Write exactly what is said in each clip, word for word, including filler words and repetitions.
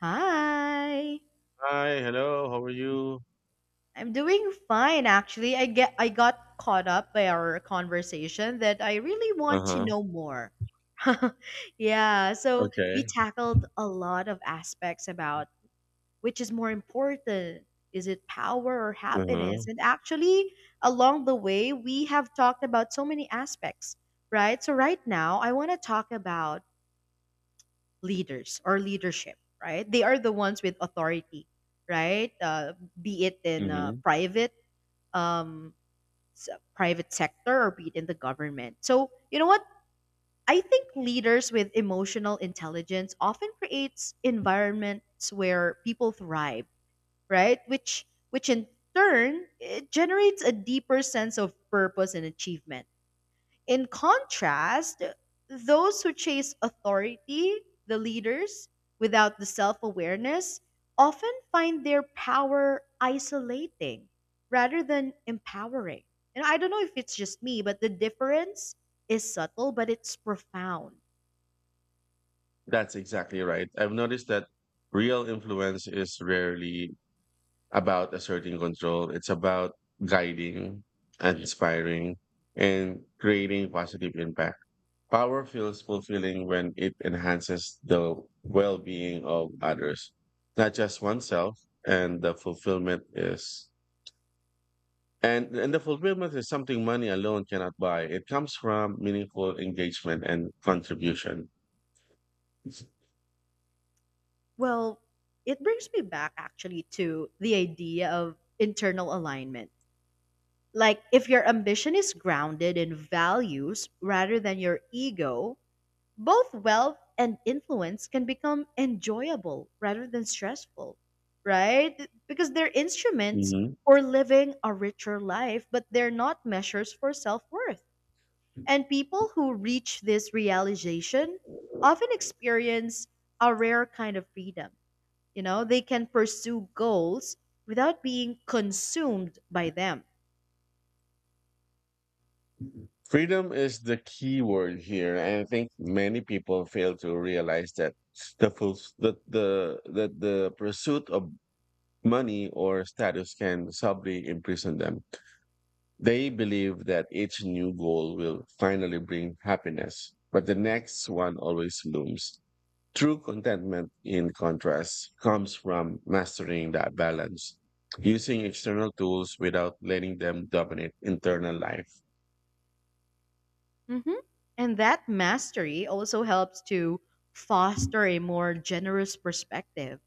Hi. Hi, hello, how are you? I'm doing fine actually. I get I got caught up by our conversation that I really want to Uh-huh. know more. Yeah, so we Okay. tackled a lot of aspects about which is more important. Is it power or Uh-huh. happiness? And actually, along the way, we have talked about so many aspects, right? So right now, I want to talk about leaders or leadership, right? They are the ones with authority, right? Uh, be it in uh, hmm private, um, s- private sector, or be it in the government. So you know what? I think leaders with emotional intelligence often creates environments where people thrive, right? Which which in turn it generates a deeper sense of purpose and achievement. In contrast, those who chase authority, the leaders, without the self awareness, often find their power isolating rather than empowering. And I don't know if it's just me, but the difference is subtle, but it's profound. That's exactly right. I've noticed that real influence is rarely about asserting control. It's about guiding, inspiring, and creating positive impact. Power feels fulfilling when it enhances the well-being of others, not just oneself, and the fulfillment is And and the fulfillment is something money alone cannot buy. It comes from meaningful engagement and contribution. Well, it brings me back actually to the idea of internal alignment. Like, if your ambition is grounded in values rather than your ego, both wealth and influence can become enjoyable rather than stressful, right? Because they're instruments Mhm. for living a richer life, but they're not measures for self worth. And people who reach this realization often experience a rare kind of freedom. You know, they can pursue goals without being consumed by them. Freedom is the key word here, and I think many people fail to realize that the full, that the that the pursuit of money or status can subtly imprison them. They believe that each new goal will finally bring happiness, but the next one always looms. True contentment, in contrast, comes from mastering that balance, using external tools without letting them dominate internal life. Hmm And that mastery also helps to foster a more generous perspective.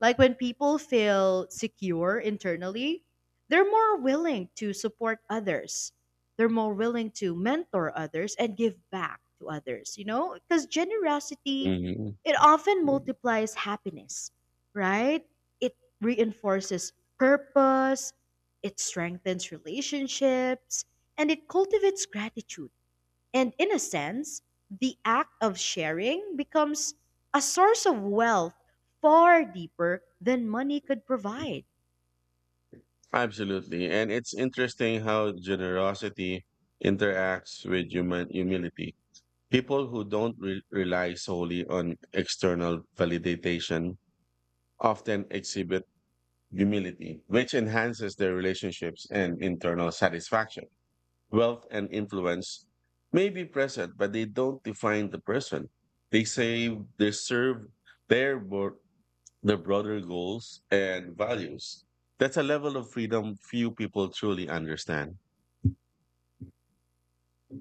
Like when people feel secure internally, they're more willing to support others. They're more willing to mentor others and give back to others, you know? Because generosity, Mhm. it often multiplies happiness, right? It reinforces purpose, it strengthens relationships, and it cultivates gratitude, and in a sense, the act of sharing becomes a source of wealth far deeper than money could provide. Absolutely. And it's interesting how generosity interacts with human humility. People who don't re- rely solely on external validation often exhibit humility, which enhances their relationships and internal satisfaction. Wealth and influence may be present, but they don't define the person. They say they serve their bro- the broader goals and values. That's a level of freedom few people truly understand.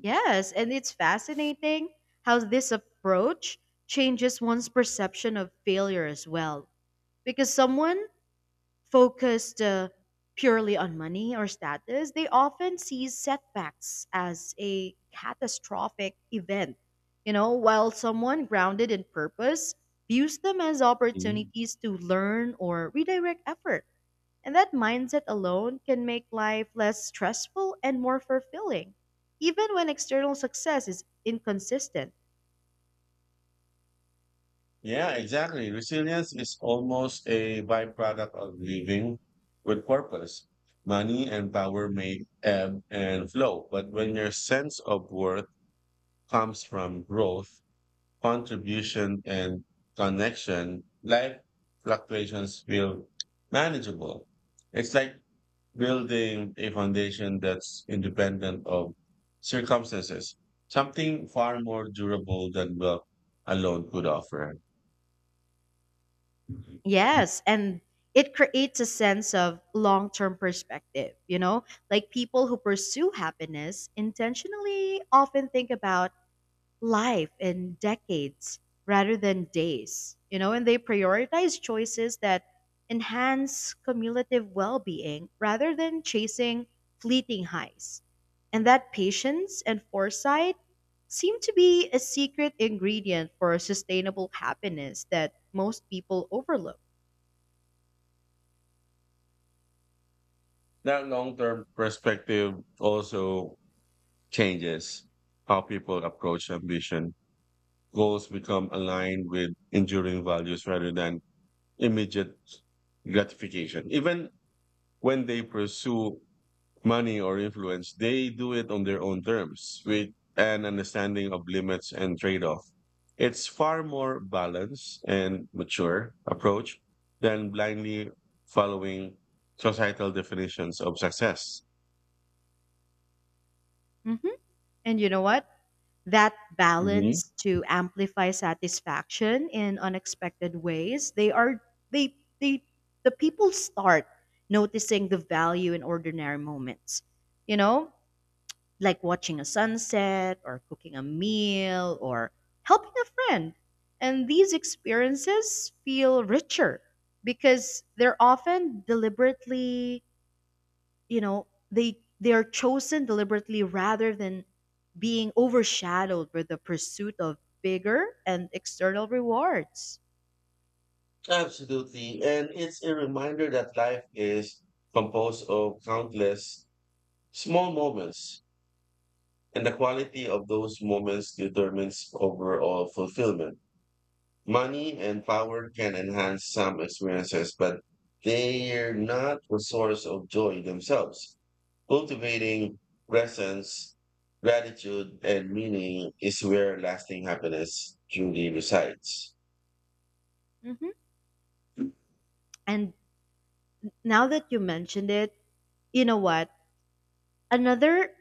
Yes, and it's fascinating how this approach changes one's perception of failure as well. Because someone focused uh, purely on money or status, they often see setbacks as a catastrophic event. You know, while someone grounded in purpose views them as Mhm. opportunities to learn or redirect effort. And that mindset alone can make life less stressful and more fulfilling, even when external success is inconsistent. Yeah, exactly. Resilience is almost a byproduct of living with purpose. Money and power may ebb and flow, but when your sense of worth comes from growth, contribution and connection, life fluctuations feel manageable. It's like building a foundation that's independent of circumstances, something far more durable than wealth alone could offer. Yes, and it creates a sense of long term perspective, you know? Like people who pursue happiness intentionally often think about life in decades rather than days, you know? And they prioritize choices that enhance cumulative well being rather than chasing fleeting highs. And that patience and foresight seem to be a secret ingredient for sustainable happiness that most people overlook. That long-term perspective also changes how people approach ambition. Goals become aligned with enduring values rather than immediate gratification. Even when they pursue money or influence, they do it on their own terms with an understanding of limits and trade-off. It's far more balanced and mature approach than blindly following societal definitions of success. Mm-hmm. And you know what? That Mhm. balance to amplify satisfaction in unexpected ways. They are they they the people start noticing the value in ordinary moments. You know, like watching a sunset or cooking a meal or helping a friend. And these experiences feel richer because they're often deliberately, you know they they are chosen deliberately rather than being overshadowed with the pursuit of bigger and external rewards. Absolutely. And it's a reminder that life is composed of countless small moments, and the quality of those moments determines overall fulfillment. Money and power can enhance some experiences, but they're not the source of joy themselves. Cultivating presence, gratitude, and meaning is where lasting happiness truly resides. Hmm and now that you mentioned it, you know what, another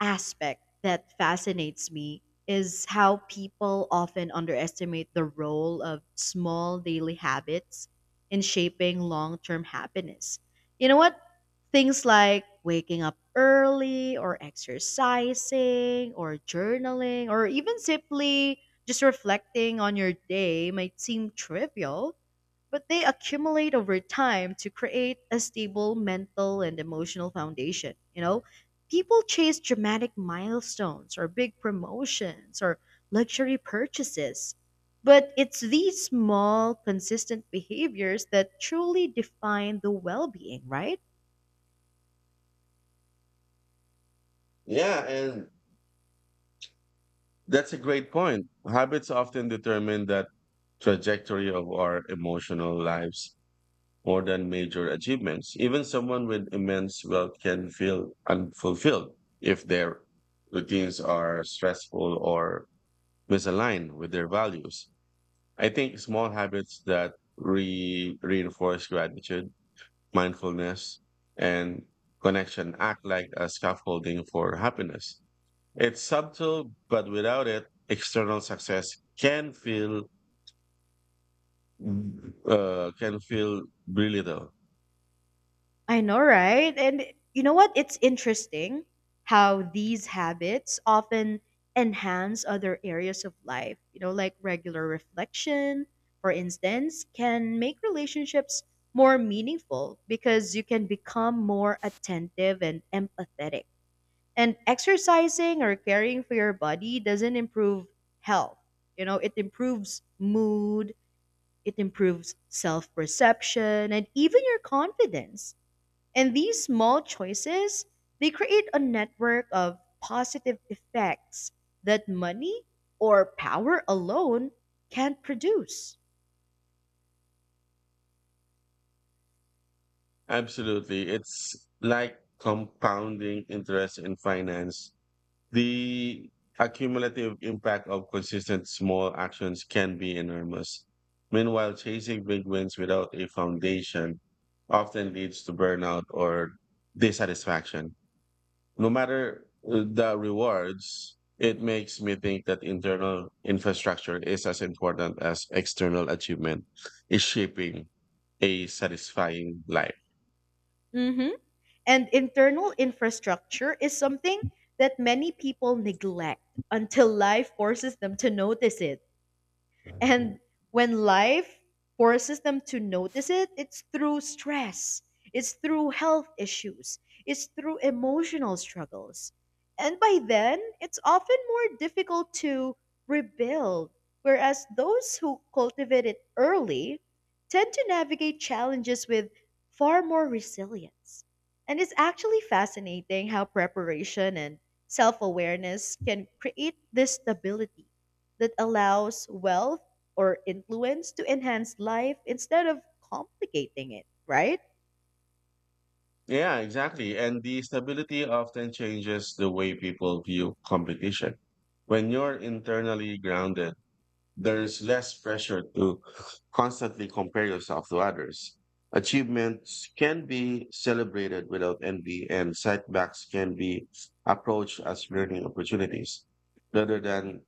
aspect that fascinates me is how people often underestimate the role of small daily habits in shaping long-term happiness. You know what, things like waking up early or exercising or journaling or even simply just reflecting on your day might seem trivial, but they accumulate over time to create a stable mental and emotional foundation. You know, people chase dramatic milestones or big promotions or luxury purchases. But it's these small, consistent behaviors that truly define the well being, right? Yeah, and that's a great point. Habits often determine that trajectory of our emotional lives more than major achievements. Even someone with immense wealth can feel unfulfilled if their routines are stressful or misalign with their values. I think small habits that re- reinforce gratitude, mindfulness, and connection act like a scaffolding for happiness. It's subtle, but without it, external success can feel uh, can feel really though. I know, right? And you know what? It's interesting how these habits often enhance other areas of life. You know, like regular reflection, for instance, can make relationships more meaningful because you can become more attentive and empathetic. And exercising or caring for your body doesn't improve health. You know, it improves mood, it improves self perception, and even your confidence. And these small choices, they create a network of positive effects that money or power alone can't produce. Absolutely, it's like compounding interest in finance. The accumulative impact of consistent small actions can be enormous. Meanwhile, chasing big wins without a foundation often leads to burnout or dissatisfaction. No matter uh, the rewards, it makes me think that internal infrastructure is as important as external achievement is shaping a satisfying life. Mhm. And internal infrastructure is something that many people neglect until life forces them to notice it. And when life forces them to notice it, it's through stress, it's through health issues, it's through emotional struggles. And by then, it's often more difficult to rebuild, whereas those who cultivate it early tend to navigate challenges with far more resilience. And it's actually fascinating how preparation and self awareness can create this stability that allows wealth or influence to enhance life instead of complicating it, right? Yeah, exactly. And the stability often changes the way people view competition. When you're internally grounded, there's less pressure to constantly compare yourself to others. Achievements can be celebrated without envy, and setbacks can be approached as learning opportunities rather than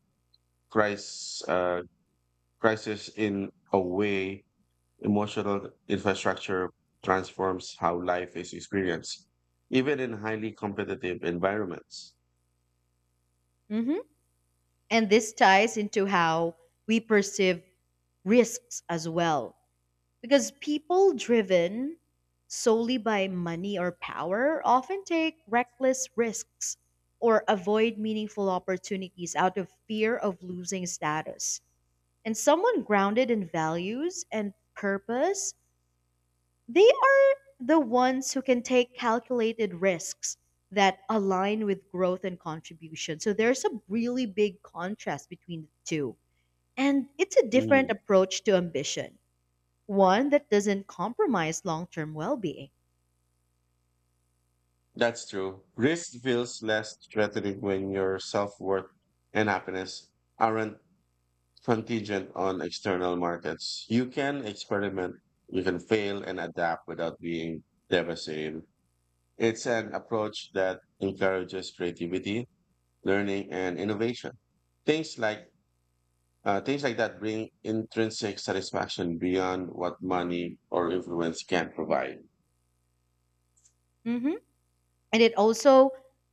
crisis, uh, crisis in a way. Emotional infrastructure transforms how life is experienced, even in highly competitive environments. hmm And this ties into how we perceive risks as well. Because people driven solely by money or power often take reckless risks or avoid meaningful opportunities out of fear of losing status. And someone grounded in values and purpose, they are the ones who can take calculated risks that align with growth and contribution. So there's a really big contrast between the two. And it's a Mm, different approach to ambition, one that doesn't compromise long term well being. that's true. Risk feels less threatening when your self worth and happiness aren't contingent on external markets. You can experiment, you can fail and adapt without being devastated. It's an approach that encourages creativity, learning, and innovation. Things like Uh, things like that bring intrinsic satisfaction beyond what money or influence can provide. Hmm And it also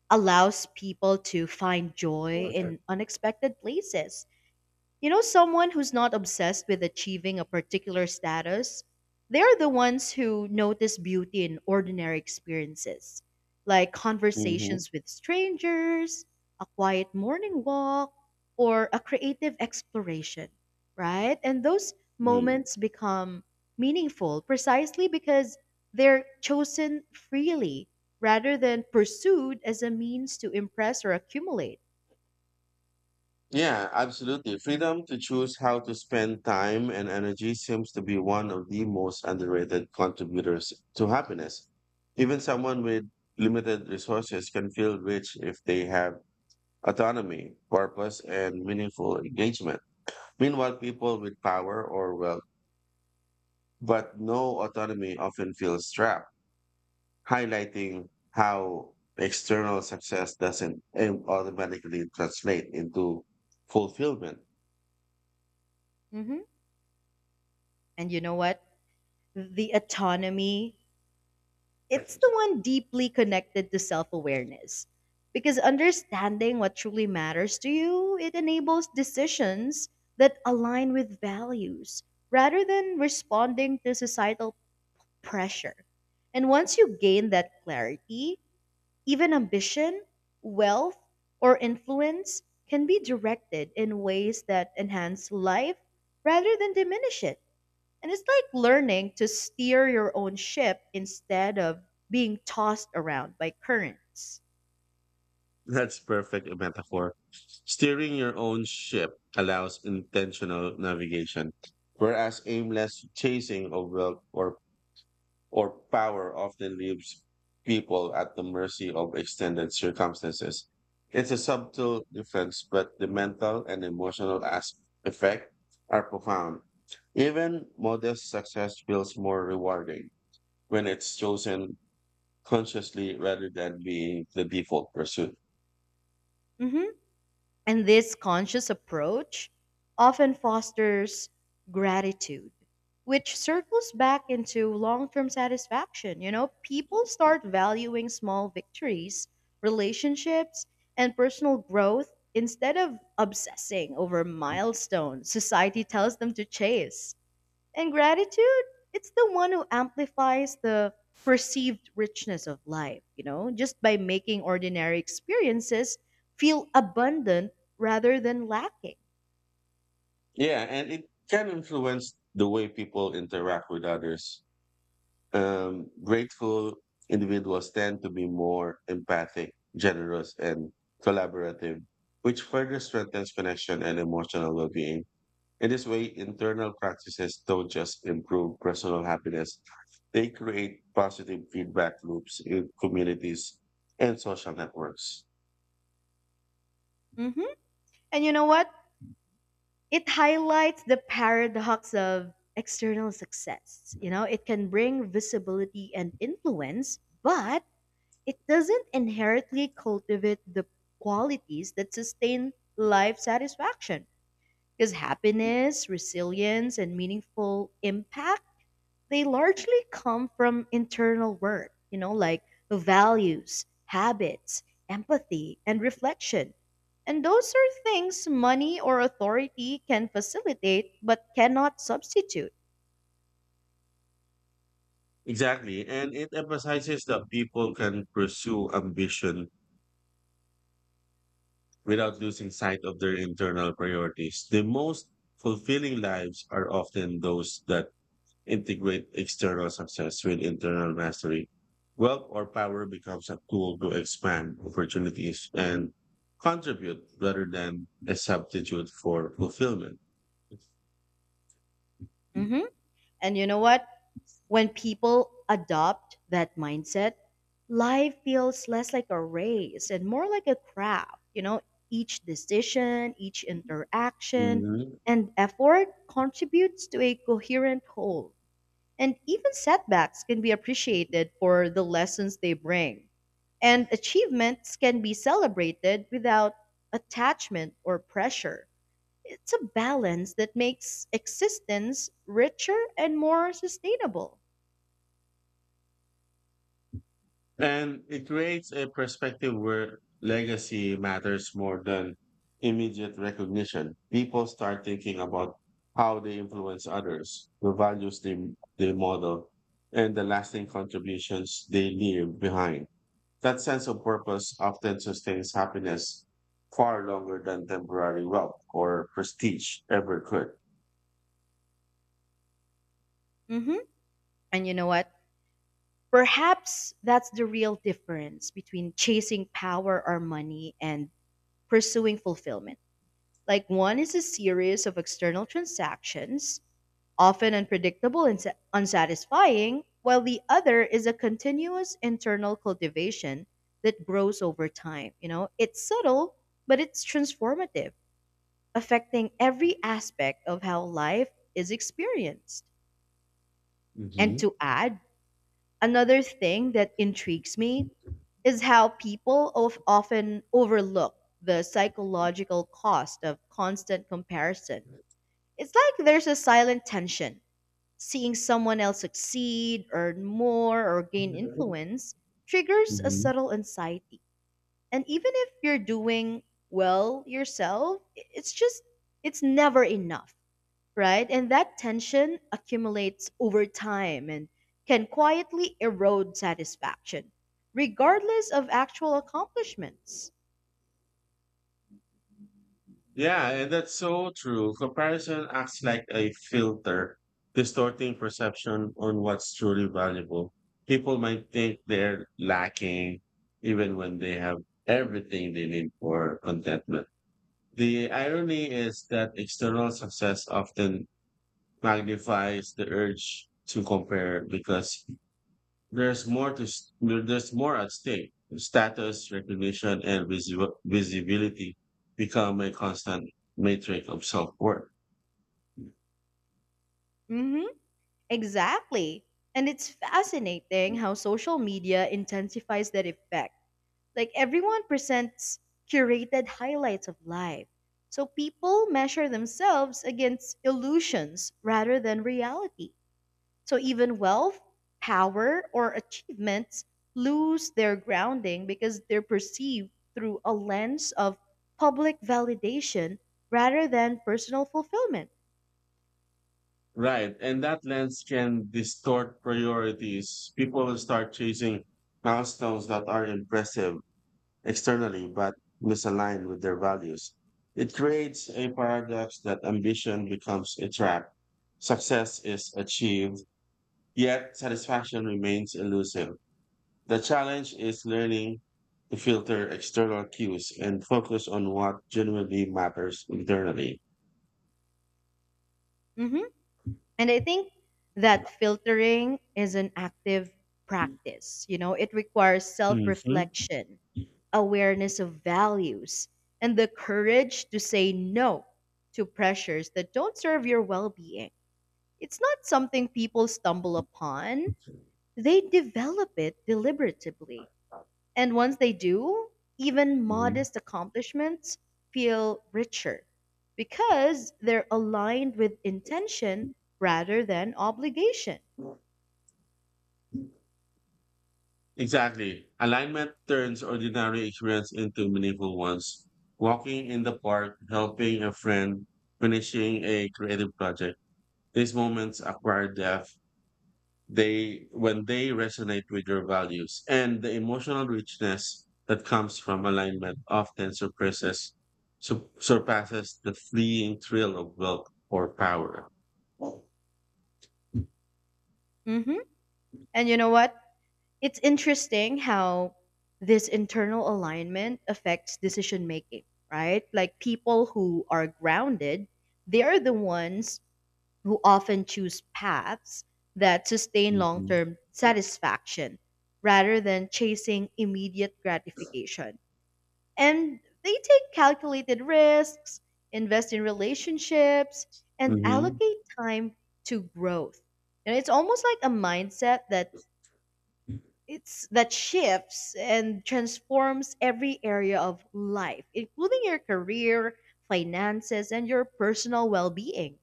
allows people to find joy in unexpected places. You know, someone who's not obsessed with achieving a particular status, they're the ones who notice beauty in ordinary experiences, like hmm conversations with strangers, a quiet morning walk, or a creative exploration, right? And those moments become meaningful precisely because they're chosen freely rather than pursued as a means to impress or accumulate. Yeah, absolutely. Freedom to choose how to spend time and energy seems to be one of the most underrated contributors to happiness. Even someone with limited resources can feel rich if they have autonomy, purpose, and meaningful engagement. Meanwhile, people with power or wealth but no autonomy often feel trapped, highlighting how external success doesn't au- automatically translate into fulfillment. Hmm And you know what? The autonomy, it's the one deeply connected to self awareness. Because understanding what truly matters to you, it enables decisions that align with values rather than responding to societal pressure. And once you gain that clarity, even ambition, wealth, or influence can be directed in ways that enhance life rather than diminish it. And it's like learning to steer your own ship instead of being tossed around by currents. That's perfect a metaphor. Steering your own ship allows intentional navigation, whereas aimless chasing of wealth or or power often leaves people at the mercy of extended circumstances. It's a subtle difference, but the mental and emotional as- effect are profound. Even modest success feels more rewarding when it's chosen consciously rather than being the default pursuit. Mhm. And this conscious approach often fosters gratitude, which circles back into long term satisfaction. You know, people start valuing small victories, relationships, and personal growth instead of obsessing over milestones society tells them to chase. And gratitude, it's the one who amplifies the perceived richness of life, you know, just by making ordinary experiences feel abundant rather than lacking. Yeah, and it can influence the way people interact with others. Um, grateful individuals tend to be more empathic, generous, and collaborative, which further strengthens connection and emotional well being. In this way, internal practices don't just improve personal happiness, they create positive feedback loops in communities and social networks. Hmm And you know what? It highlights the paradox of external success. You know, it can bring visibility and influence, but it doesn't inherently cultivate the qualities that sustain life satisfaction. Because happiness, resilience, and meaningful impact, they largely come from internal work, you know, like values, habits, empathy, and reflection. And those are things money or authority can facilitate but cannot substitute. Exactly. And it emphasizes that people can pursue ambition without losing sight of their internal priorities. The most fulfilling lives are often those that integrate external success with internal mastery. Wealth or power becomes a tool to expand opportunities and contribute rather than a substitute for fulfillment. Mhm. And you know what? When people adopt that mindset, life feels less like a race and more like a craft. You know, each decision, each interaction, Mhm. and effort contributes to a coherent whole. And even setbacks can be appreciated for the lessons they bring. And achievements can be celebrated without attachment or pressure. It's a balance that makes existence richer and more sustainable. And it creates a perspective where legacy matters more than immediate recognition. People start thinking about how they influence others, the values they, they model, and the lasting contributions they leave behind. That sense of purpose often sustains happiness far longer than temporary wealth or prestige ever could. Mhm. And you know what? Perhaps that's the real difference between chasing power or money and pursuing fulfillment. Like one is a series of external transactions, often unpredictable and sa- unsatisfying, while the other is a continuous internal cultivation that grows over time. You know, it's subtle, but it's transformative, affecting every aspect of how life is experienced. And Mhm. to add, another thing that intrigues me is how people of often overlook the psychological cost of constant comparison. It's like there's a silent tension. Seeing someone else succeed, earn more, or gain influence triggers a Mhm. subtle anxiety. And even if you're doing well yourself, it's just, it's never enough, right? And that tension accumulates over time and can quietly erode satisfaction, regardless of actual accomplishments. Yeah, and that's so true. Comparison acts like a filter, distorting perception on what's truly valuable. People might think they're lacking even when they have everything they need for contentment. The irony is that external success often magnifies the urge to compare because there's more to s- there- there's more at stake. Status, recognition, and visi- visibility become a constant matrix of self-worth. Hmm exactly. And it's fascinating how social media intensifies that effect. Like everyone presents curated highlights of life. So people measure themselves against illusions rather than reality. So even wealth, power, or achievements lose their grounding because they're perceived through a lens of public validation rather than personal fulfillment. Right. And that lens can distort priorities. People start chasing milestones that are impressive externally but misaligned with their values. It creates a paradox that ambition becomes a trap. Success is achieved, yet satisfaction remains elusive. The challenge is learning to filter external cues and focus on what genuinely matters internally. Hmm And I think that filtering is an active practice. You know, it requires self Mhm. reflection, awareness of values, and the courage to say no to pressures that don't serve your well being. It's not something people stumble upon, they develop it deliberatively. And once they do, even Mhm. modest accomplishments feel richer because they're aligned with intention rather than obligation. Exactly. Alignment turns ordinary experience into meaningful ones. Walking in the park, helping a friend, finishing a creative project. These moments acquire depth. They when they resonate with your values, and the emotional richness that comes from alignment often surpasses su- surpasses the fleeting thrill of wealth or power. Hmm And you know what? It's interesting how this internal alignment affects decision making, right? Like people who are grounded, they are the ones who often choose paths that sustain long term satisfaction rather than chasing immediate gratification. And they take calculated risks, invest in relationships, and hmm allocate time to growth. And it's almost like a mindset that it's that shifts and transforms every area of life, including your career, finances, and your personal well-being.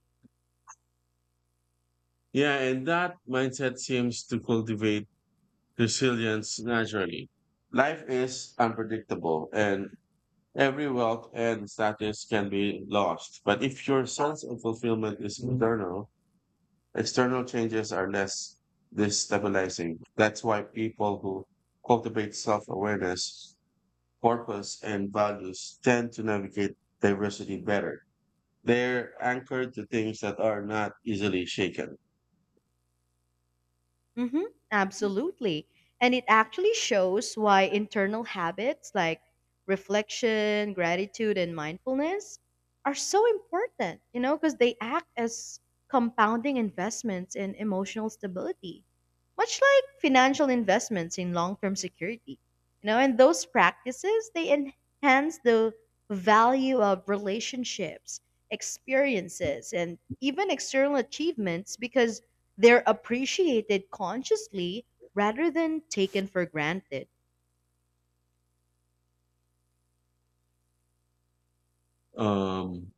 Yeah, and that mindset seems to cultivate resilience naturally. Life is unpredictable, and every wealth and status can be lost. But if your sense of fulfillment is internal, external changes are less destabilizing. That's why people who cultivate self awareness, purpose, and values tend to navigate diversity better. They're anchored to things that are not easily shaken. Hmm absolutely. And it actually shows why internal habits like reflection, gratitude, and mindfulness are so important, you know, because they act as compounding investments in emotional stability, much like financial investments in long term security. You know, and those practices, they enhance the value of relationships, experiences, and even external achievements because they're appreciated consciously rather than taken for granted. Um,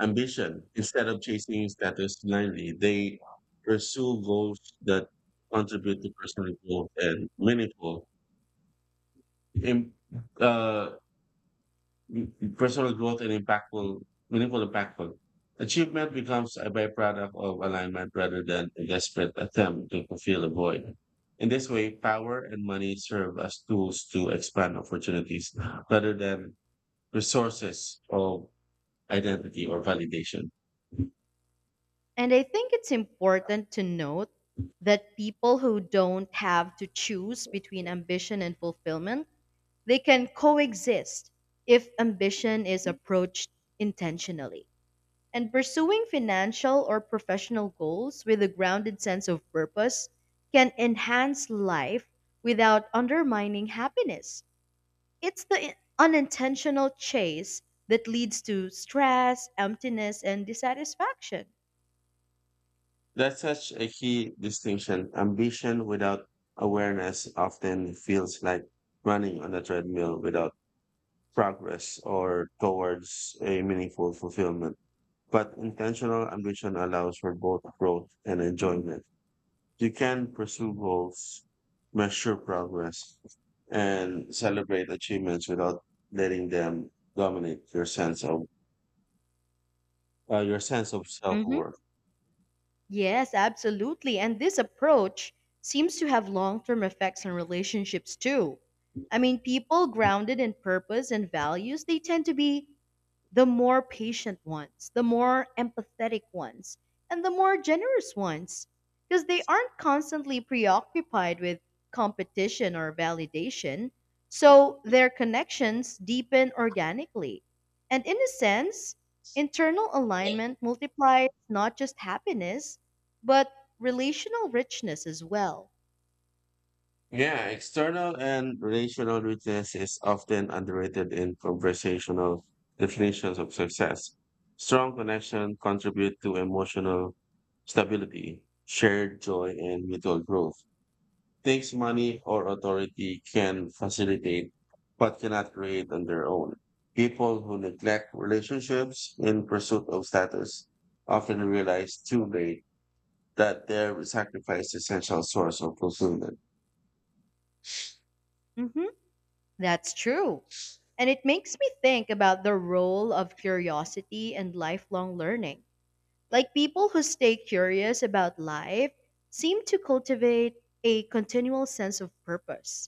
Ambition. Instead of chasing status blindly, they pursue goals that contribute to personal growth and meaningful, im- uh, m- personal growth and impactful, meaningful impactful. Achievement becomes a byproduct of alignment rather than a desperate attempt to fulfill a void. In this way, power and money serve as tools to expand opportunities rather than resources of identity or validation. And I think it's important to note that people who don't have to choose between ambition and fulfillment, they can coexist if ambition is approached intentionally. And pursuing financial or professional goals with a grounded sense of purpose can enhance life without undermining happiness. It's the i- unintentional chase that leads to stress, emptiness, and dissatisfaction. That's such a key distinction. Ambition without awareness often feels like running on a treadmill without progress or towards a meaningful fulfillment. But intentional ambition allows for both growth and enjoyment. You can pursue goals, measure progress, and celebrate achievements without letting them dominate your sense of uh, your sense of self Hmm worth. Yes, absolutely. And this approach seems to have long term effects on relationships too. I mean, people grounded in purpose and values, they tend to be the more patient ones, the more empathetic ones, and the more generous ones because they aren't constantly preoccupied with competition or validation. So their connections deepen organically. And in a sense, internal alignment multiplies not just happiness, but relational richness as well. Yeah, external and relational witness is often underrated in conversational definitions of success. Strong connection contribute to emotional stability, shared joy, and mutual growth. Things money or authority can facilitate, but cannot create on their own. People who neglect relationships in pursuit of status often realize too late that their sacrifice is essential source of fulfillment. Hmm That's true. And it makes me think about the role of curiosity and lifelong learning. Like people who stay curious about life seem to cultivate a continual sense of purpose.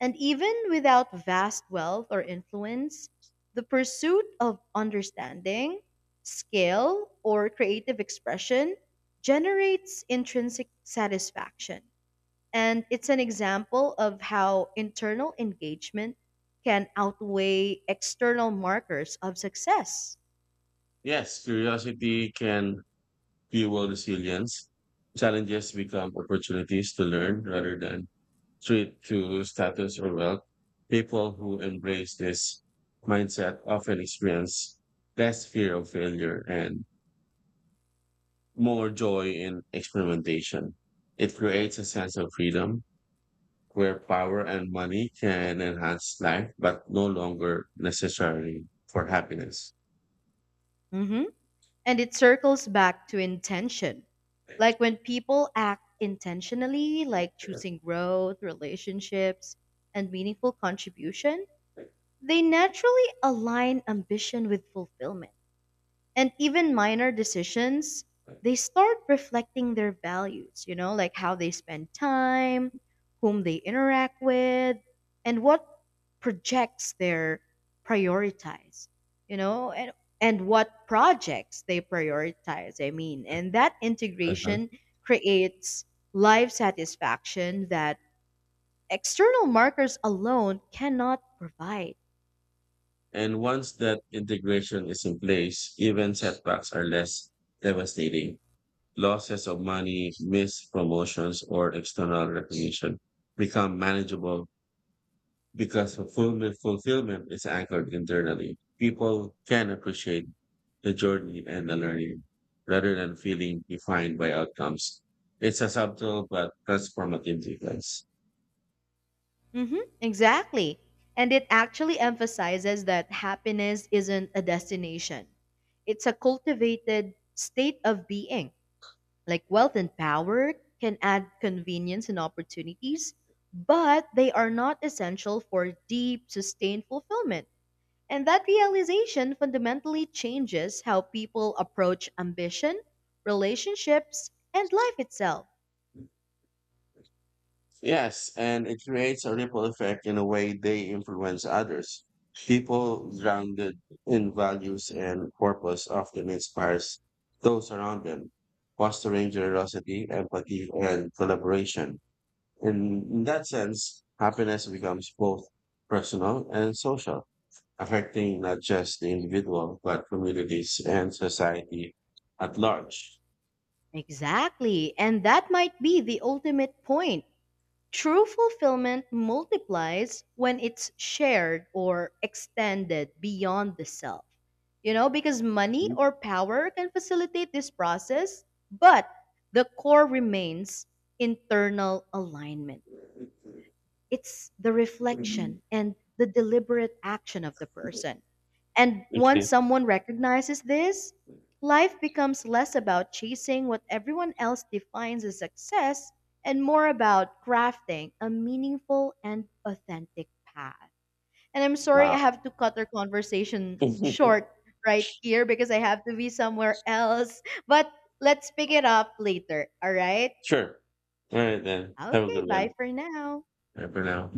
And even without vast wealth or influence, the pursuit of understanding, skill, or creative expression generates intrinsic satisfaction. And it's an example of how internal engagement can outweigh external markers of success. Yes, curiosity can fuel resilience. Challenges become opportunities to learn rather than treat to status or wealth. People who embrace this mindset often experience less fear of failure and more joy in experimentation. It creates a sense of freedom where power and money can enhance life, but no longer necessary for happiness. Mhm. And it circles back to intention. Like when people act intentionally, like choosing growth, relationships, and meaningful contribution, they naturally align ambition with fulfillment, and even minor decisions they start reflecting their values, you know, like how they spend time, whom they interact with, and what projects they prioritize you know and and what projects they prioritize, I mean, and that Uh-huh. integration creates life satisfaction that external markers alone cannot provide. And once that integration is in place, even setbacks are less devastating. Losses of money, missed promotions, or external recognition become manageable because fulfillment, fulfillment is anchored internally. People can appreciate the journey and the learning rather than feeling defined by outcomes. It's a subtle but transformative difference. Mm-hmm, exactly. And it actually emphasizes that happiness isn't a destination, it's a cultivated state of being. Like wealth and power can add convenience and opportunities, but they are not essential for deep, sustained fulfillment. And that realization fundamentally changes how people approach ambition, relationships, and life itself. Yes, and it creates a ripple effect in a way they influence others. People grounded in values and purpose often inspires those around them, fostering generosity, empathy, and collaboration. In, in that sense, happiness becomes both personal and social, affecting not just the individual, but communities and society at large. Exactly. And that might be the ultimate point. True fulfillment multiplies when it's shared or extended beyond the self. You know, because money or power can facilitate this process, but the core remains internal alignment. It's the Okay. reflection and the deliberate action of the person. And once someone recognizes this, life becomes less about chasing what everyone else defines as success and more about crafting a meaningful and authentic path. And I'm sorry I Wow. have to cut our conversation short right here because I have to be somewhere else, but let's pick it up later, all right? Sure. All right, then. Have a Okay, good bye one. for now. Bye for now.